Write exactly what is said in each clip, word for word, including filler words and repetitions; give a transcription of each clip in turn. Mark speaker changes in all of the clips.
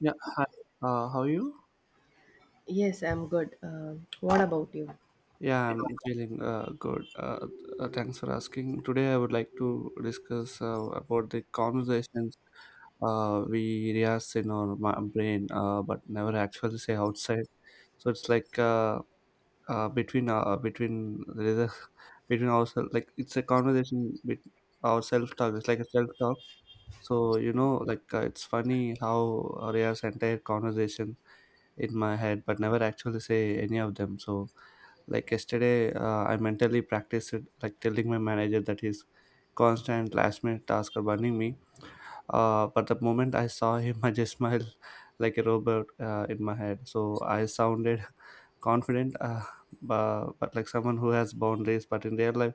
Speaker 1: Yeah, hi. Uh, how are you?
Speaker 2: Yes, I'm good. Um, what about you?
Speaker 1: Yeah, I'm feeling uh, good. Uh, uh, thanks for asking. Today, I would like to discuss uh, about the conversations uh, we rehearse in our ma- brain, uh, but never actually say outside. So it's like uh, uh, between uh, between there is a between ourselves. Like it's a conversation with our self talk. It's like a self talk. So, you know, like uh, it's funny how Arya's entire conversation in my head, but never actually say any of them. So like yesterday, uh, I mentally practiced it, like telling my manager that his constant last minute tasks are burning me, uh, but the moment I saw him, I just smiled like a robot, uh, in my head. So I sounded confident, uh, but, but like someone who has boundaries, but in real life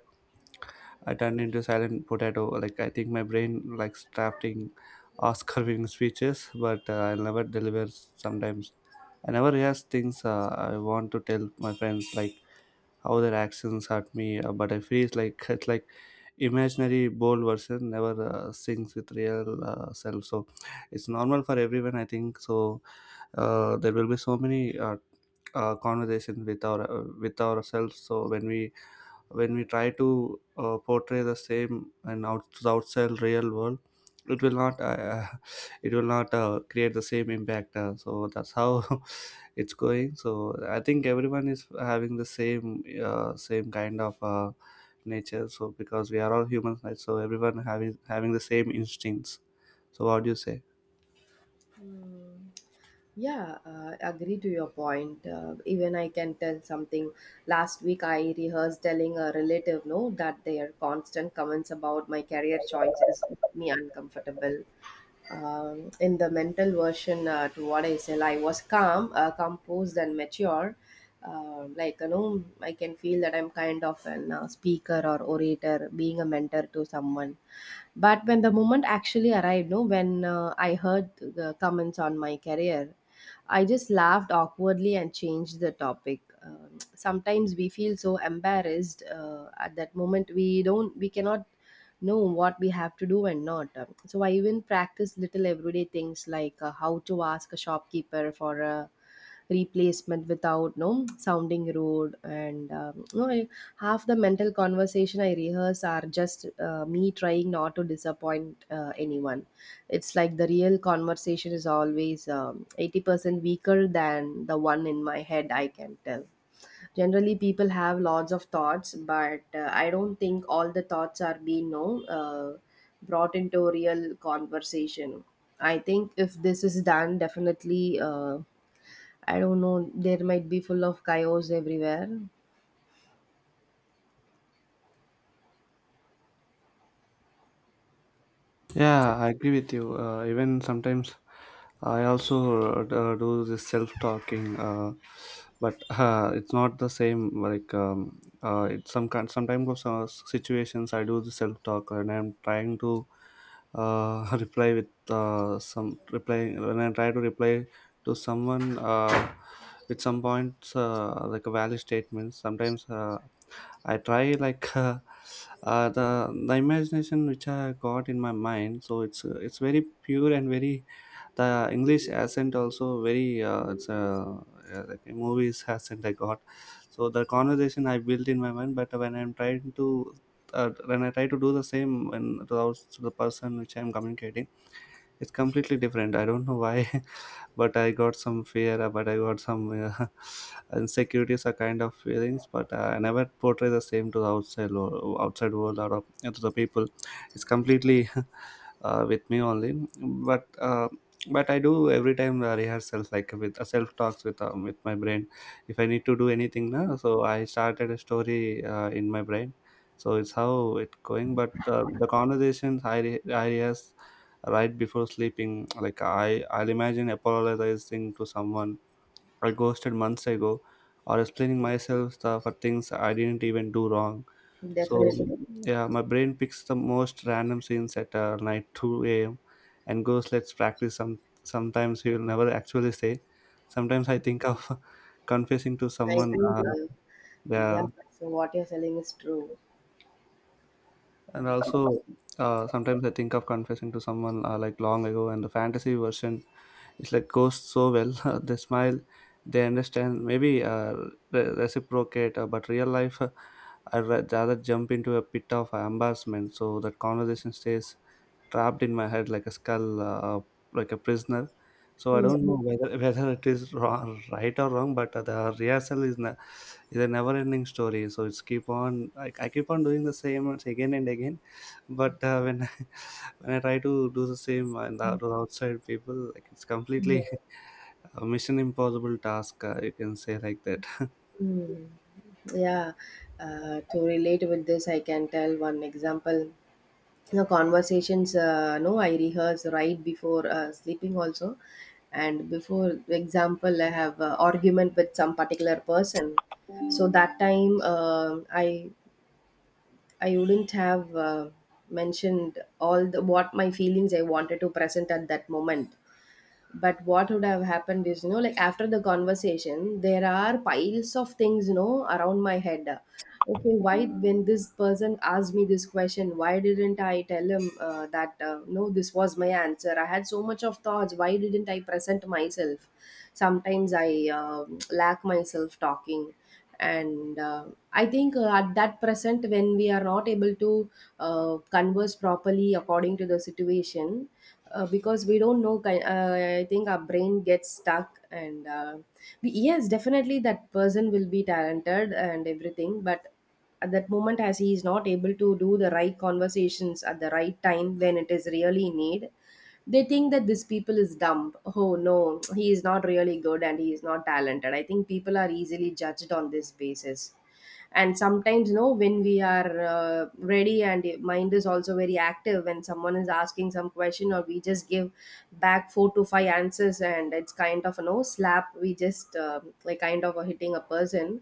Speaker 1: I turned into silent potato. Like, I think my brain likes drafting Oscar-winning speeches, but uh, I never deliver. Sometimes I never realize things uh, I want to tell my friends, like how their actions hurt me. Uh, but I feel it's like it's like imaginary bold version never uh, sings with real uh, self. So it's normal for everyone, I think. So uh, there will be so many uh, uh, conversations with our uh, with ourselves. So when we when we try to uh, portray the same and out outside real world, it will not, uh, it will not, uh, create the same impact, uh, so that's how it's going. So I think everyone is having the same uh, same kind of uh, nature. So, because we are all humans, right? So everyone having having the same instincts. So what do you say?
Speaker 2: Hmm. Yeah, uh, agree to your point. Uh, even I can tell something. Last week, I rehearsed telling a relative no that their constant comments about my career choices make me uncomfortable. Um, in the mental version uh, to what I said. I was calm, uh, composed, and mature. Um like you know, I can feel that I'm kind of an uh, speaker or orator, being a mentor to someone. But when the moment actually arrived, no, when uh, I heard the comments on my career, I just laughed awkwardly and changed the topic. Um, sometimes we feel so embarrassed uh, at that moment we don't we cannot know what we have to do and not. Um, So I even practice little everyday things like uh, how to ask a shopkeeper for a replacement without no sounding rude and um, no I, half the mental conversation I rehearse are just uh, me trying not to disappoint uh, anyone. It's like the real conversation is always um, eighty percent weaker than the one in my head, I can tell generally people have lots of thoughts but uh, I don't think all the thoughts are being no uh, brought into real conversation. I think if this is done, definitely uh, I don't know, there might be full of chaos everywhere.
Speaker 1: Yeah, I agree with you. Uh, even sometimes I also uh, do this self talking, uh, but uh, it's not the same. Like, um, uh, it's some kind. Sometimes of some situations I do the self talk, and I'm trying to, uh, reply with uh, some reply when I try to reply to someone, uh, with some points, uh, like a valid statement. Sometimes, uh, I try, like uh, uh, the the imagination which I got in my mind. So it's, uh, it's very pure and very, the English accent also very, uh, it's uh, yeah, like a movies accent I got. So the conversation I built in my mind, but when I'm trying to uh, when I try to do the same, when to the, to the person which I'm communicating, it's completely different. I don't know why. But I got some fear, uh, but I got some, uh, insecurities, a kind of feelings, but uh, I never portray the same to the outside or outside world, or uh, to the people. It's completely, uh, with me only. But uh, but I do every time, uh, rehearsals, like with uh, self talks, with um, with my brain. If I need to do anything now, so I started a story uh, in my brain. So it's how it going, but uh, the conversations I re- i rehearse right before sleeping. Like, I, I'll imagine apologizing to someone I ghosted months ago, or explaining myself the, for things I didn't even do wrong.
Speaker 2: Definitely.
Speaker 1: So yeah, my brain picks the most random scenes at uh, night two a m and goes, "Let's practice." Some sometimes he will never actually say. Sometimes I think of confessing to
Speaker 2: I
Speaker 1: someone.
Speaker 2: think,
Speaker 1: Uh,
Speaker 2: uh,
Speaker 1: yeah,
Speaker 2: yeah, so what you're selling is true.
Speaker 1: and also uh, sometimes I think of confessing to someone, uh, like, long ago, and the fantasy version, it's like, goes so well. They smile, they understand, maybe uh, re- reciprocate, uh, but real life, uh, I'd ra- rather jump into a pit of embarrassment. So that conversation stays trapped in my head like a skull, uh, like a prisoner. So I don't
Speaker 2: Mm,
Speaker 1: know whether whether it is wrong, right or wrong, but uh, the rehearsal is, ne- is a never ending story. So it's keep on, I, I keep on doing the same and again and again. But uh, when when I try to do the same, and the, to the outside people, like, it's completely a mission impossible task, uh, you can say like that.
Speaker 2: mm. Yeah, uh, to relate with this, I can tell one example. The conversations, uh, no, I rehearse right before uh, sleeping also. And before example, I have uh, argument with some particular person. So that time, uh, I I wouldn't have uh, mentioned all the what my feelings I wanted to present at that moment. But what would have happened is, you know, like after the conversation, there are piles of things, you know, around my head. Okay, why when this person asked me this question, why didn't I tell him uh, that uh, no, this was my answer? I had so much of thoughts. Why didn't I present myself? Sometimes I uh, lack myself talking and uh, I think uh, at that present when we are not able to uh, converse properly according to the situation uh, because we don't know ki- uh, I think our brain gets stuck and uh, we, yes definitely that person will be talented and everything but at that moment as he is not able to do the right conversations at the right time when it is really need, they think that this people is dumb, oh no he is not really good and he is not talented. I think people are easily judged on this basis, and sometimes you know when we are uh, ready and mind is also very active, when someone is asking some question or we just give back four to five answers and it's kind of a no slap, we just uh, like kind of a hitting a person,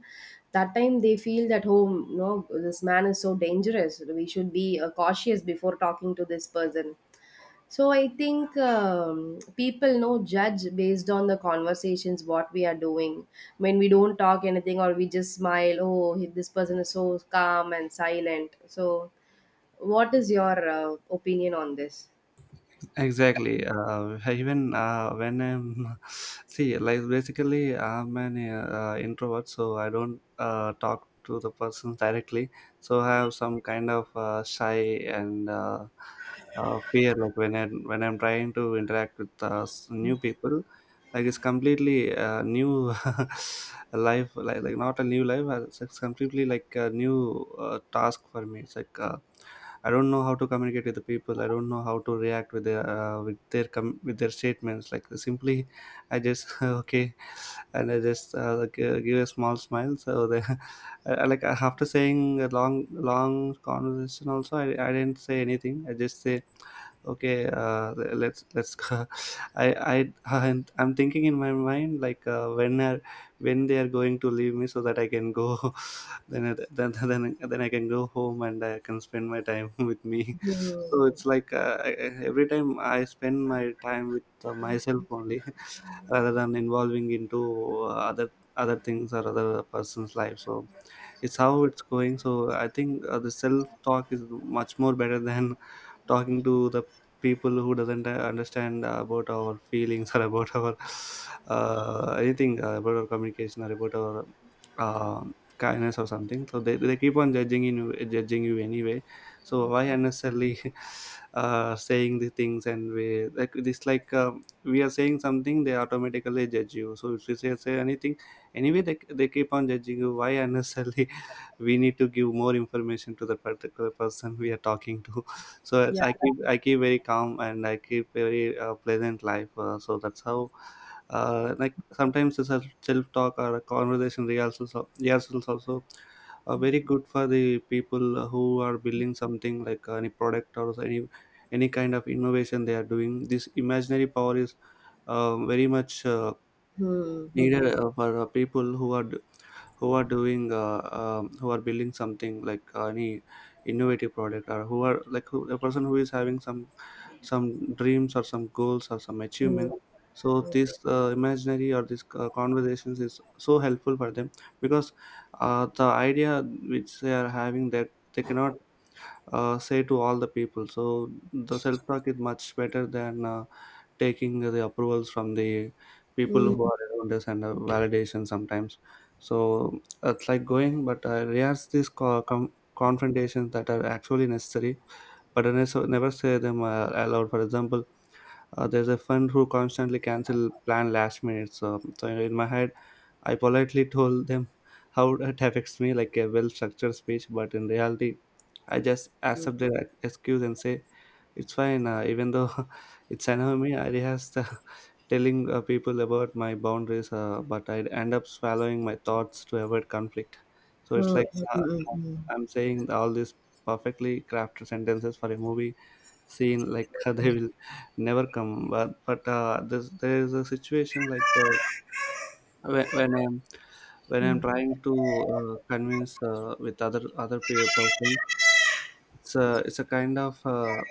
Speaker 2: that time they feel that oh no this man is so dangerous, we should be uh, cautious before talking to this person. So I think um, people no judge based on the conversations what we are doing. When we don't talk anything or we just smile, oh he- this person is so calm and silent. So what is your uh, opinion on this?
Speaker 1: Exactly. Uh, even uh, when I'm, see, like, basically I'm an uh, introvert, so I don't uh, talk to the person directly. So I have some kind of uh, shy, and uh, uh, fear, like when i when I'm trying to interact with uh, s- new people. Like, it's completely uh, new life, like, like not a new life, uh, it's it's completely like a new, uh, task for me. It's like, uh, I don't know how to communicate with the people. I don't know how to react with their uh, with their com- with their statements. Like, simply, I just okay, and I just, uh, like, uh, give a small smile. So they, I, I like, after saying a long long conversation, also I, I didn't say anything. I just say okay, uh, le- let's let's go. I I and I'm thinking in my mind, like, uh, when are when they are going to leave me, so that I can go. then it- then then, then I can go home and I can spend my time with me.
Speaker 2: Hmm.
Speaker 1: So it's like, uh, I- I- every time I spend my time with uh, myself only, rather than involving into, uh, other other things or other person's life. So it's how it's going. So I think, uh, the self talk is much more better than talking to the people who doesn't uh, understand about our feelings, or about our, uh, anything, uh, about our communication, or about our um kindness or something. So they, they keep on judging you, judging you anyway. So why unnecessarily uh, saying the things? And we like this, like, um, we are saying something, they automatically judge you. So if you say, say anything, anyway they, they keep on judging you. Why unnecessarily we need to give more information to the particular person we are talking to? So
Speaker 2: Yeah.
Speaker 1: i keep i keep very calm and I keep very, uh, pleasant life, uh, so that's how. Uh, like, sometimes the self self talk, or a conversation rehearsals al- rehearsals also are very good for the people who are building something, like any product or any any kind of innovation they are doing. This imaginary power is, uh, very much, uh,
Speaker 2: Hmm.
Speaker 1: needed,
Speaker 2: Hmm.
Speaker 1: uh, for uh, people who are, who are doing, uh, um, who are building something like uh, any innovative product, or who are like, who, a person who is having some, some dreams or some goals or some
Speaker 2: Hmm.
Speaker 1: achievement. So this, uh, imaginary or this, uh, conversations is so helpful for them, because, uh, the idea which they are having, that they cannot, uh, say to all the people. So the self talk is much better than, uh, taking the approvals from the people
Speaker 2: Hmm.
Speaker 1: who
Speaker 2: Hmm.
Speaker 1: are around us, and, uh, validation sometimes. So it's like going, but I realize these co- com- confrontations that are actually necessary, but I never never say them, uh, aloud. For example, uh, there's a friend who constantly cancel plan last minute. So, so in my head, I politely told them how it affects me, like a well structured speech. But in reality, I just accept their ex- excuse and say it's fine, uh, even though it's anime, I rehearsed, uh, telling, uh, people about my boundaries, uh, but I end up swallowing my thoughts to avoid conflict. So it's
Speaker 2: Hmm.
Speaker 1: like, uh,
Speaker 2: Hmm. Hmm.
Speaker 1: I'm saying all these perfectly crafted sentences for a movie scene, like they will never come. But but uh, this, there is a situation like, uh, when, when I'm when I'm trying to, uh, convince, uh, with other other pe- person, it's a it's a kind of, uh,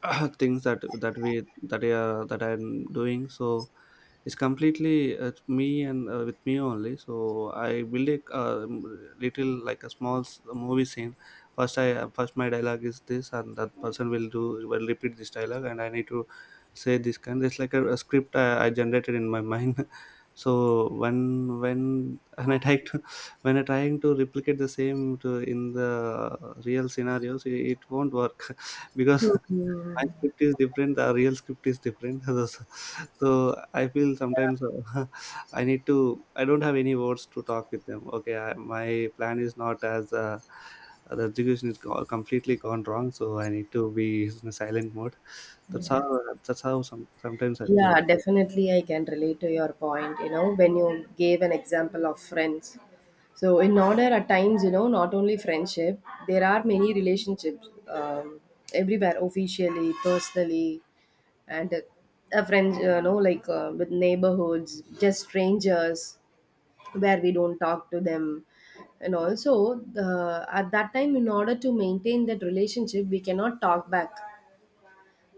Speaker 1: things that that we that are that I'm doing. So it's completely, uh, me, and uh, with me only. So I build a, uh, little, like a small s- movie scene. First, I uh, first my dialogue is this, and that person will do will repeat this dialogue, and I need to say this kind. It's like a, a script I, I generated in my mind. So when when when I try to when I trying to replicate the same to in the real scenarios, it, it won't work, because
Speaker 2: Hmm.
Speaker 1: my script is different, the real script is different. so so I feel sometimes, uh, I need to I don't have any words to talk with them. Okay, I, my plan is not as, uh, the execution is go- completely gone wrong. So I need to be in a silent mode. That's how that's how some, sometimes I feel.
Speaker 2: Yeah, definitely I can relate to your point, you know, when you gave an example of friends. So in order at times, you know, not only friendship, there are many relationships um, everywhere, officially, personally, and uh, a friend, you know, like uh, with neighborhoods, just strangers, where we don't talk to them, and also the, at that time in order to maintain that relationship we cannot talk back,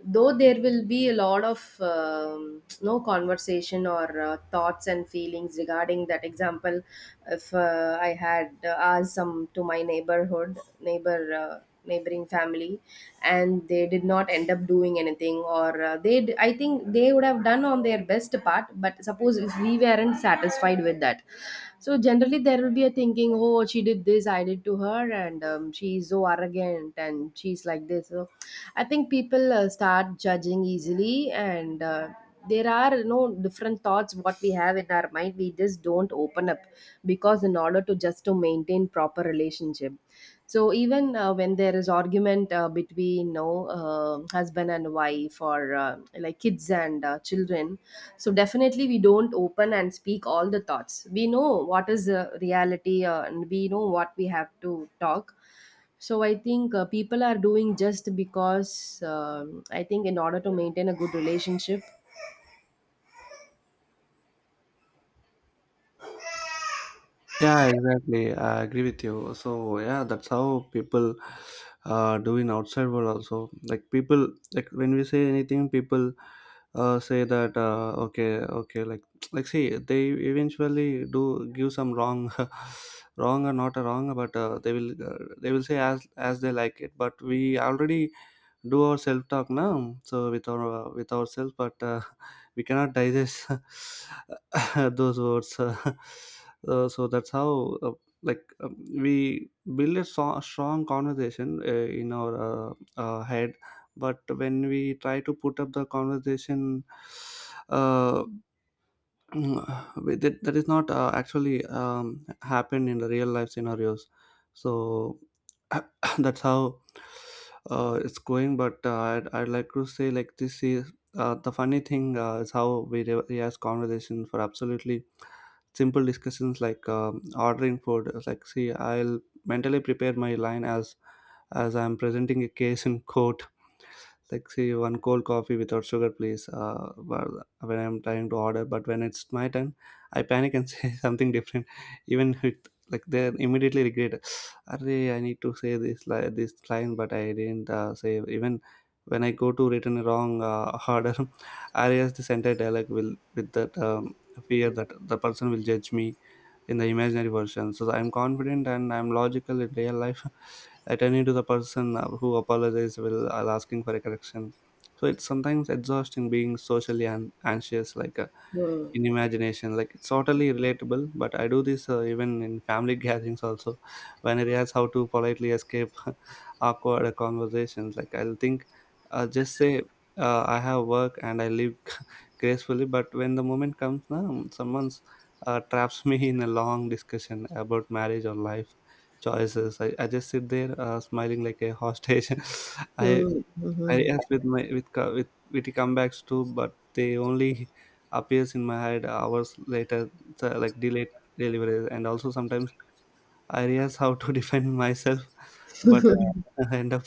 Speaker 2: though there will be a lot of um, no conversation or uh, thoughts and feelings regarding that. Example, if uh, I had uh, asked some to my neighborhood neighbor, uh, neighboring family, and they did not end up doing anything, or uh, they d- I think they would have done on their best part, but suppose if we weren't satisfied with that. So generally, there will be a thinking, oh, she did this, I did to her, and um, she's so arrogant, and she's like this. So I think people uh, start judging easily, and uh, there are you know different thoughts what we have in our mind. We just don't open up because in order to just to maintain proper relationship. So even uh, when there is argument uh, between you know, um husband and wife, or uh, like kids and uh, children, so definitely we don't open and speak all the thoughts. We know what is the reality uh, and we know what we have to talk. So I think uh, people are doing just because um, I think in order to maintain a good relationship.
Speaker 1: Yeah, exactly. I agree with you. So yeah, that's how people uh, do in outside world also. Like people, like when we say anything, people uh, say that uh, okay, okay. Like like see, they eventually do give some wrong, wrong or not a wrong, but uh, they will uh, they will say as as they like it. But we already do our self talk now so with our uh, with ourselves but uh, we cannot digest those words uh, So that's how uh, like um, we build a so- strong conversation uh, in our uh, uh, head, but when we try to put up the conversation uh, Mm, but that, that is not uh, actually um, happened in the real life scenarios, so that's how uh, it's going. But uh, I'd, I'd like to say like this is uh, the funny thing uh, is how we re- he conversation for absolutely simple discussions like um, ordering food. It's like see, I'll mentally prepare my line as as I'm presenting a case in court, like say one cold coffee without sugar, please uh, while when I'm trying to order. But when it's my turn, I panic and say something different, even with, like, they immediately regret. Array, I need to say this li- this line, but I didn't uh, say even when I go to written a wrong uh, order. I realize this entire dialogue will with that um, fear that the person will judge me in the imaginary version. So I'm confident and I'm logical in real life. Attending to the person uh, who apologizes while asking for a correction. So it's sometimes exhausting being socially an- anxious, like uh,
Speaker 2: Hmm.
Speaker 1: in imagination, like it's totally relatable. But I do this uh, even in family gatherings also, when I realize how to politely escape awkward conversations. Like I'll think uh, just say uh, I have work and I live gracefully. But when the moment comes, now someone's uh, traps me in a long discussion about marriage or life choices, i, I just sit there uh, smiling like a hostage. i
Speaker 2: Hmm.
Speaker 1: I
Speaker 2: Hmm.
Speaker 1: yes with my with co- with witty comebacks too, but they only appears in my head hours later, so like delayed deliveries. And also sometimes I realized how to defend myself, but uh, I end up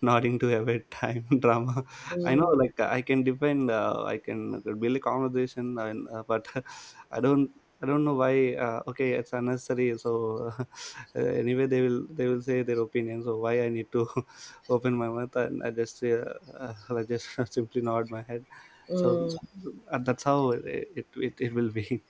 Speaker 1: nodding to every time drama. I know, like I can defend, uh, I can build a conversation, and uh, but I don't. I don't know why. Uh, okay, it's unnecessary. So uh, anyway, they will they will say their opinion. So why I need to open my mouth? And I just uh, uh, I just simply nod my head. So
Speaker 2: Hmm.
Speaker 1: uh, that's how it, it it it will be.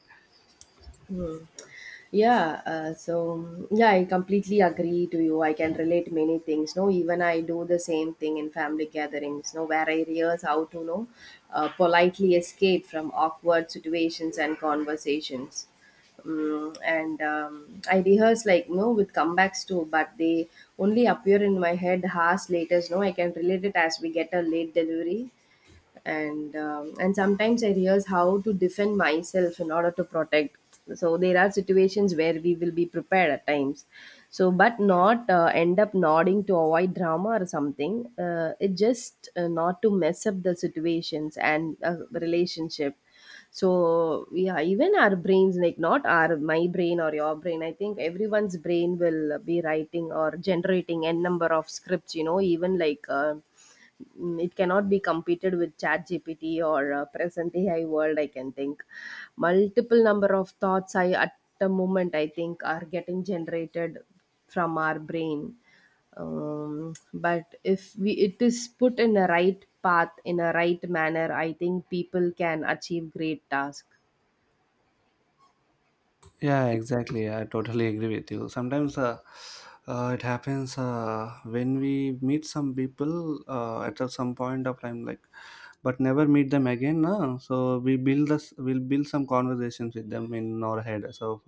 Speaker 2: Yeah, uh, so um, yeah, I completely agree to you. I can relate many things. No, even I do the same thing in family gatherings. No, where I rehearse how to know uh, politely escape from awkward situations and conversations. Mm, and um, I rehearse like no with comebacks too, but they only appear in my head hours later. No, I can relate it as we get a late delivery, and um, and sometimes I rehearse how to defend myself in order to protect. So there are situations where we will be prepared at times, so but not uh, end up nodding to avoid drama or something. Uh, it just uh, not to mess up the situations and uh, relationship. So yeah, even our brains, like not our my brain or your brain, I think everyone's brain will be writing or generating n number of scripts, you know, even like uh, mm, it cannot be competed with chat gpt or uh, present ai world. I can think multiple number of thoughts I at the moment, I think, are getting generated from our brain. Um, but if we it is put in a right path in a right manner, I think people can achieve great task.
Speaker 1: Yeah, exactly. I totally agree with you. Sometimes uh, uh, it happens uh, when we meet some people uh, at a- some point of time, like, but never meet them again. No? So we build this, we'll build some conversations with them in our head. So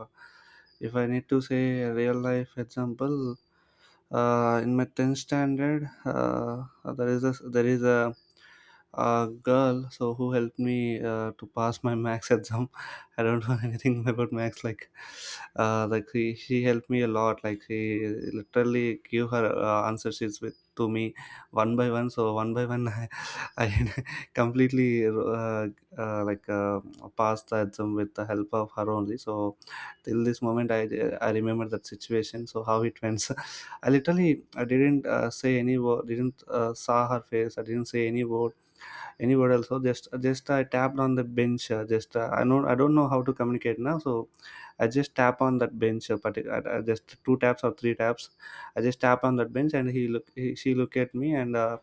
Speaker 1: if, if I need to say a real life example, uh, in my tenth standard, uh, there is a there is a, a girl, so who helped me uh, to pass my max exam. I don't know anything about Max. Like, uh, like she, she helped me a lot. Like she literally gave her uh, answer sheets with to me one by one. So one by one, I, I completely uh, uh, like uh, passed the exam with the help of her only. So till this moment, I I remember that situation. So how it went. I literally I didn't uh, say any word. Didn't uh, saw her face. I didn't say any word anywhere else. So just just I tapped on the bench, uh, just uh, I know I don't know how to communicate now. So I just tap on that bench uh, partic- I, I just two taps or three taps, I just tap on that bench, and he look he, she look at me, and uh,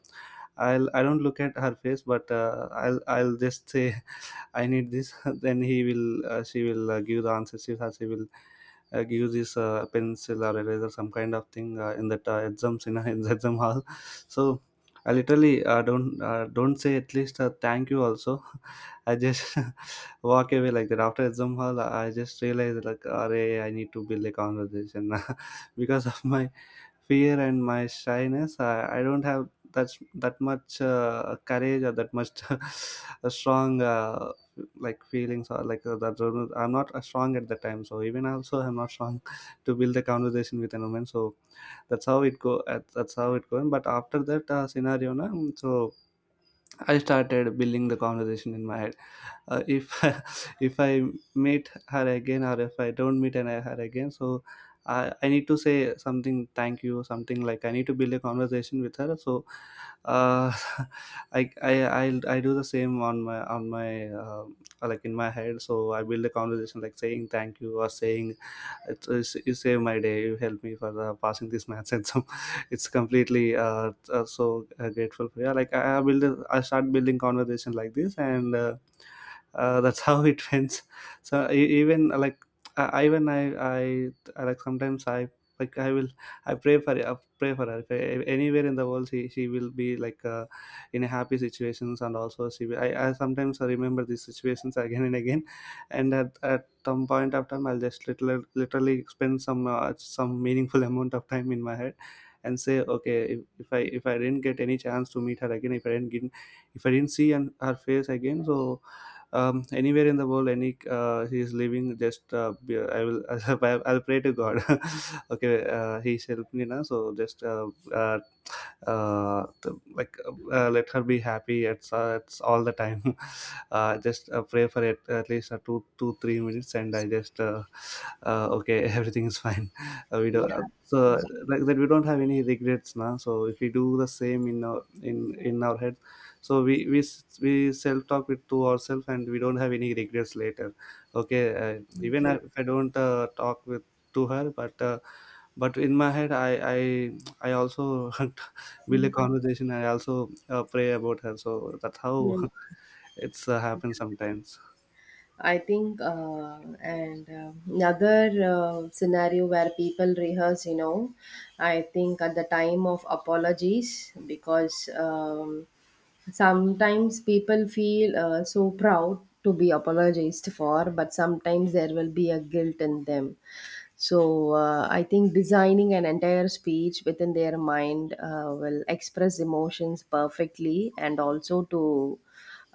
Speaker 1: I'll I don't look at her face, but uh, I'll I'll just say I need this. Then he will uh, she will uh, give the answer she, She will uh, use this uh, pencil or eraser, some kind of thing uh, in that uh, exams in, in the exam hall. So I literally uh, don't uh, don't say at least uh, thank you also. I just walk away like that. After exam hall, I just realized like, Array, I need to build a conversation because of my fear and my shyness. I, I don't have that that much uh, courage, or that much a strong uh, like feelings, or like uh, that I'm not uh, strong at the time. So even also I'm not strong to build a conversation with a woman. So that's how it go uh, that's how it going. But after that uh, scenario na, so I started building the conversation in my head. uh, if If I meet her again, or if I don't meet and I- her again, so I, I need to say something thank you, something like I need to build a conversation with her. So uh, I I I'll, I do the same on my on my uh, like in my head. So I build a conversation like saying thank you, or saying it's, it's, you save my day, you help me for uh, passing this maths and some. It's completely uh, uh, so uh, grateful for you. Like I, I build a, I start building conversation like this, and. Uh, uh, that's how it ends. So e- even uh, like I I- even I I I, like sometimes I like I will I pray for I pray for her, if I, anywhere in the world she she will be like uh, in a happy situations. And also she will, I, I sometimes remember these situations again and again. And at, at some point of time, I'll just literally, literally spend some uh, some meaningful amount of time in my head and say, okay, if, if I, if I didn't get any chance to meet her again, if I didn't get, if I didn't see an, her face again, so um, anywhere in the world, any uh, he is living, just uh, be- I will I'll pray to god, okay, uh, he is helping me now, so just uh, uh, uh, the, like uh, uh, let her be happy. It's, uh, it's all the time uh, just uh, pray for it at least uh, two two three minutes, and I just uh, uh, okay, everything is fine. Uh, we
Speaker 2: Yeah,
Speaker 1: don't uh, so,
Speaker 2: Mhm.
Speaker 1: like that, we don't have any regrets now. So if we do the same in our in in our head, so we we s- we self talk it to ourselves, and we don't have any regrets later. Okay, uh, even I-
Speaker 2: Absolutely.
Speaker 1: if I don't uh, talk with to her, but uh, but in my head, i i i also build a conversation and also uh, pray about her. So that's how
Speaker 2: Mm.
Speaker 1: it's uh, happens sometimes.
Speaker 2: I think, uh, and uh, another uh, scenario where people rehearse, you know, I think at the time of apologies, because um, sometimes people feel uh, so proud to be apologized for, but sometimes there will be a guilt in them. So uh, I think designing an entire speech within their mind uh, will express emotions perfectly and also to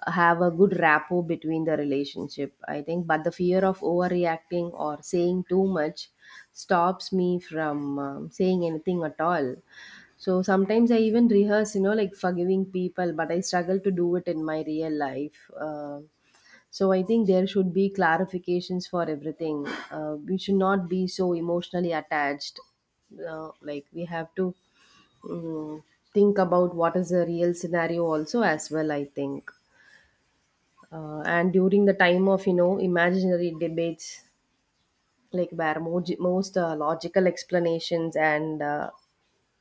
Speaker 2: have a good rapport between the relationship. I think, but the fear of overreacting or saying too much stops me from um, saying anything at all. So sometimes I even rehearse, you know, like forgiving people, but I struggle to do it in my real life. Uh, so I think there should be clarifications for everything. Uh, we should not be so emotionally attached. Uh, like we have to mm, think about what is the real scenario also as well. I think, uh, and during the time of you know imaginary debates, like where mo- most uh, logical explanations and uh,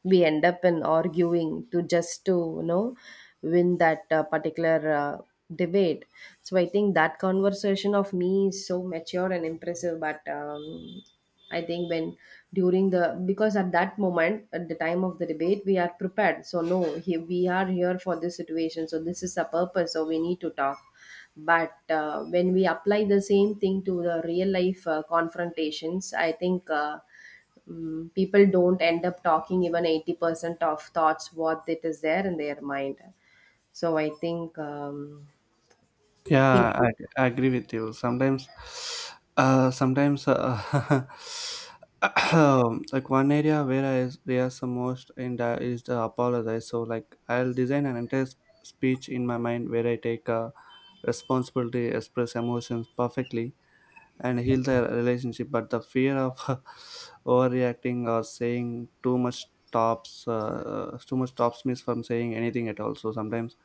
Speaker 2: we end up in arguing to just to you know win that uh, particular uh, debate. So I think that conversation of me is so mature and impressive, but um, I think when during the, because at that moment at the time of the debate we are prepared, so no he, we are here for this situation so this is the purpose so we need to talk. But uh, when we apply the same thing to the real life uh, confrontations, I think uh, mm, people don't end up talking even eighty percent of thoughts what it is there in their mind. So I think um,
Speaker 1: Yeah, I,
Speaker 2: people
Speaker 1: I agree with you. Sometimes, uh, sometimes, uh, like one area where I rehearse the most and uh, is the apologize. So, like, I'll design an entire s- speech in my mind where I take uh, responsibility, express emotions perfectly, and heal the relationship. But the fear of overreacting or saying too much stops uh, uh, too much stops me from saying anything at all. So sometimes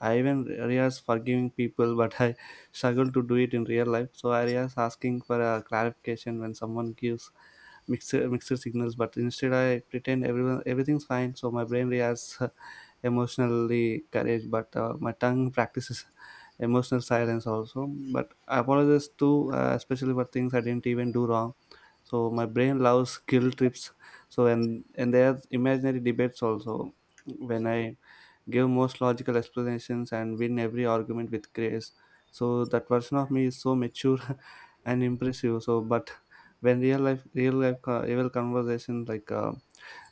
Speaker 1: I even realize forgiving people, but I struggle to do it in real life. So I realize asking for a clarification when someone gives mixer mixer signals, but instead I pretend everyone everything's fine. So my brain reacts uh, emotionally courage, but uh, my tongue practices emotional silence also. But I apologize too, uh, especially for things I didn't even do wrong. So my brain loves guilt trips. So and and there's imaginary debates also, when I give most logical explanations and win every argument with grace. So that version of me is so mature and impressive. So but when real life real life co- real conversation, like uh,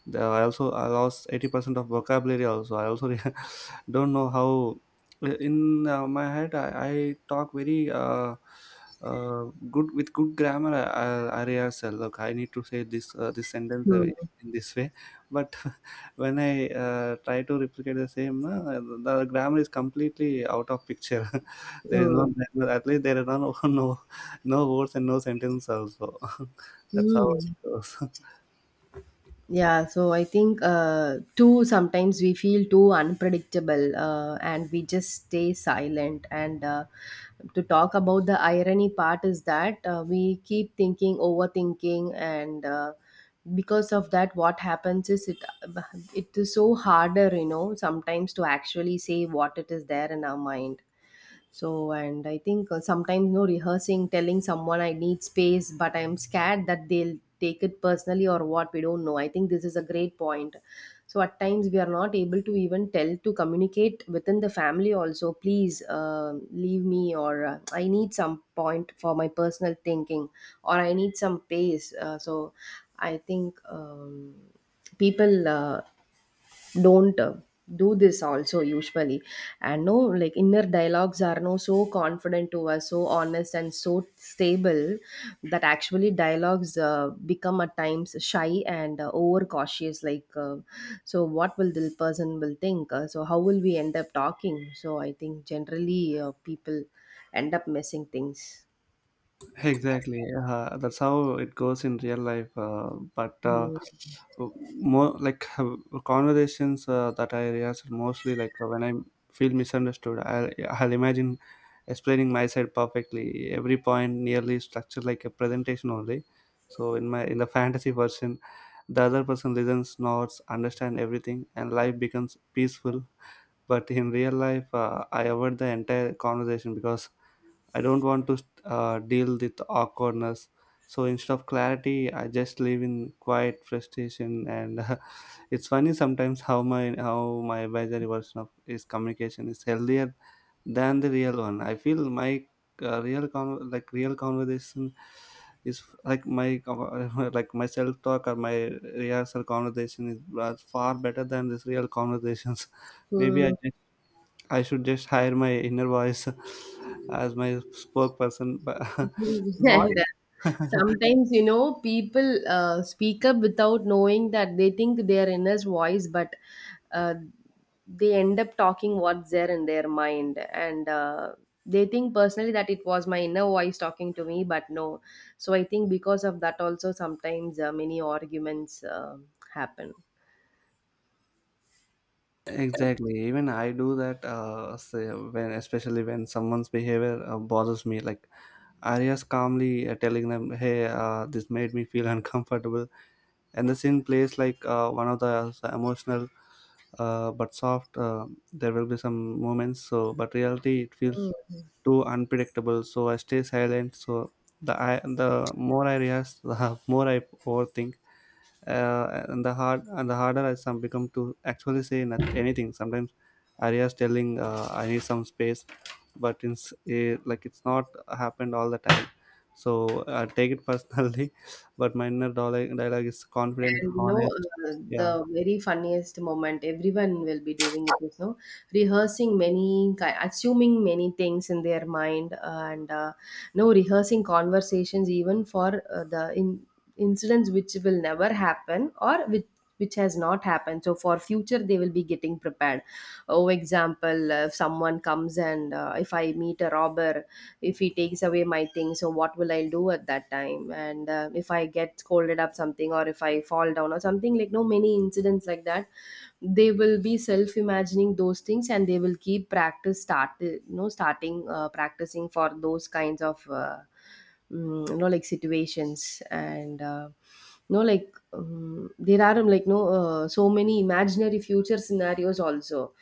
Speaker 1: the, I also I lost eighty percent of vocabulary also. I also don't know how in uh, my head, i, I talk very uh, uh, good with good grammar. i i, I rehearse, uh, look, I need to say this uh, this sentence uh,
Speaker 2: mm,
Speaker 1: in this way, but when I uh, try to replicate the same, uh, the grammar is completely out of picture. There is no
Speaker 2: mm,
Speaker 1: grammar, at least there is no, no no words and no sentence also. That's how it
Speaker 2: mm.
Speaker 1: goes.
Speaker 2: Yeah, so I think uh, too sometimes we feel too unpredictable uh, and we just stay silent. And uh, to talk about the irony part is that uh, we keep thinking, overthinking, and uh, because of that, what happens is it it is so harder, you know, sometimes to actually say what it is there in our mind. So, and I think uh, sometimes, no rehearsing, telling someone I need space, but I'm scared that they'll take it personally or what, we don't know. I think this is a great point. So, at times, we are not able to even tell to communicate within the family also, please uh, leave me, or uh, I need some point for my personal thinking, or I need some pace. Uh, so, I think um, people uh, don't uh, do this also usually, and no like inner dialogues are no so confident to us, so honest and so stable that actually dialogues uh, become at times shy and uh, overcautious, like uh, so what will the person will think, uh, so how will we end up talking. So I think generally uh, people end up missing things.
Speaker 1: Exactly. Uh, that's how it goes in real life. Uh, but uh, more like uh, conversations uh, that I realize are mostly like uh, when I feel misunderstood, I'll, I'll imagine explaining my side perfectly. Every point nearly structured like a presentation only. So in my, in the fantasy version, the other person listens, nods, understand everything, and life becomes peaceful. But in real life, uh, I avoid the entire conversation because I don't want to uh, deal with awkwardness. So instead of clarity, I just live in quiet frustration, and it's funny sometimes how my how my advisory version of is communication is healthier than the real one. I feel my uh, real con- like real conversation is like my like my self talk, or my rehearsal conversation, is uh, far better than this real conversations. Maybe i
Speaker 2: Mhm.
Speaker 1: I should just hire my inner voice as my spokesperson. But
Speaker 2: And uh,
Speaker 1: voice,
Speaker 2: sometimes you know people uh, speak up without knowing that they think their inner voice, but uh, they end up talking what's there in their mind, and uh, they think personally that it was my inner voice talking to me, but no. So I think because of that also sometimes uh, many arguments um happen.
Speaker 1: exactly. Even I do that. Uh, say when, especially when someone's behavior uh, bothers me, like Arya's calmly uh, telling them, "Hey, uh, this made me feel uncomfortable," and the scene plays like uh, one of the uh, emotional uh, but soft. Uh, there will be some moments. So, but reality, it feels too unpredictable. So I stay silent. So the, I the more I rehearse, the more I overthink. Uh, and the hard and the harder I some become to actually say not anything. Sometimes I rehearse telling, uh, I need some space, but it's eh, like it's not happened all the time. So I take it personally. But my inner dialogue, dialogue is confident,
Speaker 2: And you know,
Speaker 1: honest.
Speaker 2: uh,
Speaker 1: Yeah.
Speaker 2: the very funniest moment everyone will be doing it is no rehearsing many ki- assuming many things in their mind, uh, and uh, no rehearsing conversations even for uh, the in incidents which will never happen, or which which has not happened, so for future they will be getting prepared. Oh example, uh, if someone comes and uh, if I meet a robber, if he takes away my thing so what will I do at that time, and uh, if I get scolded up something or if I fall down or something, like no many incidents like that they will be self imagining those things and they will keep practice start you know starting uh, practicing for those kinds of uh, mm, you know like situations. And uh, you like um, there are um, like no uh, so many imaginary future scenarios also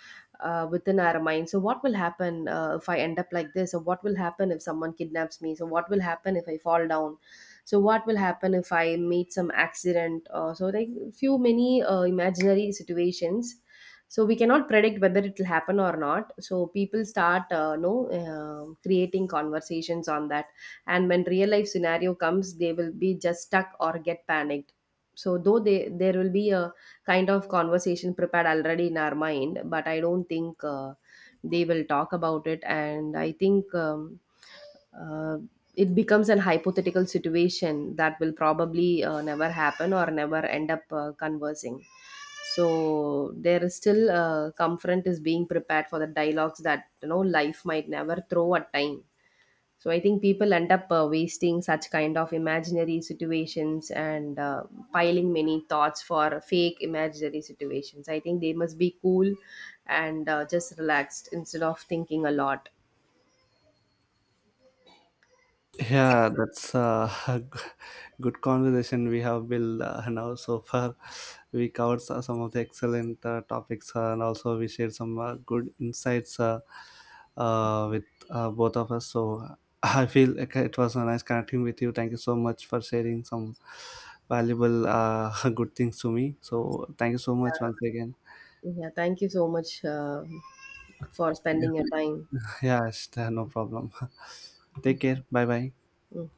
Speaker 2: uh, within our mind. So what will happen uh, if I end up like this, or what will happen if someone kidnaps me, so what will happen if I fall down, so what will happen if I meet some accident, uh, so like few many uh, imaginary situations. So we cannot predict whether it will happen or not, so people start uh, no uh, creating conversations on that, and when real life scenario comes they will be just stuck or get panicked. So though they there will be a kind of conversation prepared already in our mind, but I don't think uh, they will talk about it. And I think um, uh, it becomes an hypothetical situation that will probably uh, never happen or never end up uh, conversing. So there is still uh, comfort is being prepared for the dialogues that you know life might never throw at time. So I think people end up uh, wasting such kind of imaginary situations and uh, piling many thoughts for fake imaginary situations. I think they must be cool and uh, just relaxed instead of thinking a lot.
Speaker 1: Yeah, that's uh, a g- good conversation we have, Bill. Uh, now, so far, we covered so- some of the excellent uh, topics uh, and also we shared some uh, good insights uh, uh, with uh, both of us. So, I feel like it was a nice connecting with you. Thank you so much for sharing some valuable, uh, good things to me. So, thank you so much once again.
Speaker 2: Yeah, thank you so much uh, for
Speaker 1: Yeah,
Speaker 2: spending your time.
Speaker 1: yeah, sh- no problem. Take care. Bye bye.
Speaker 2: Mm.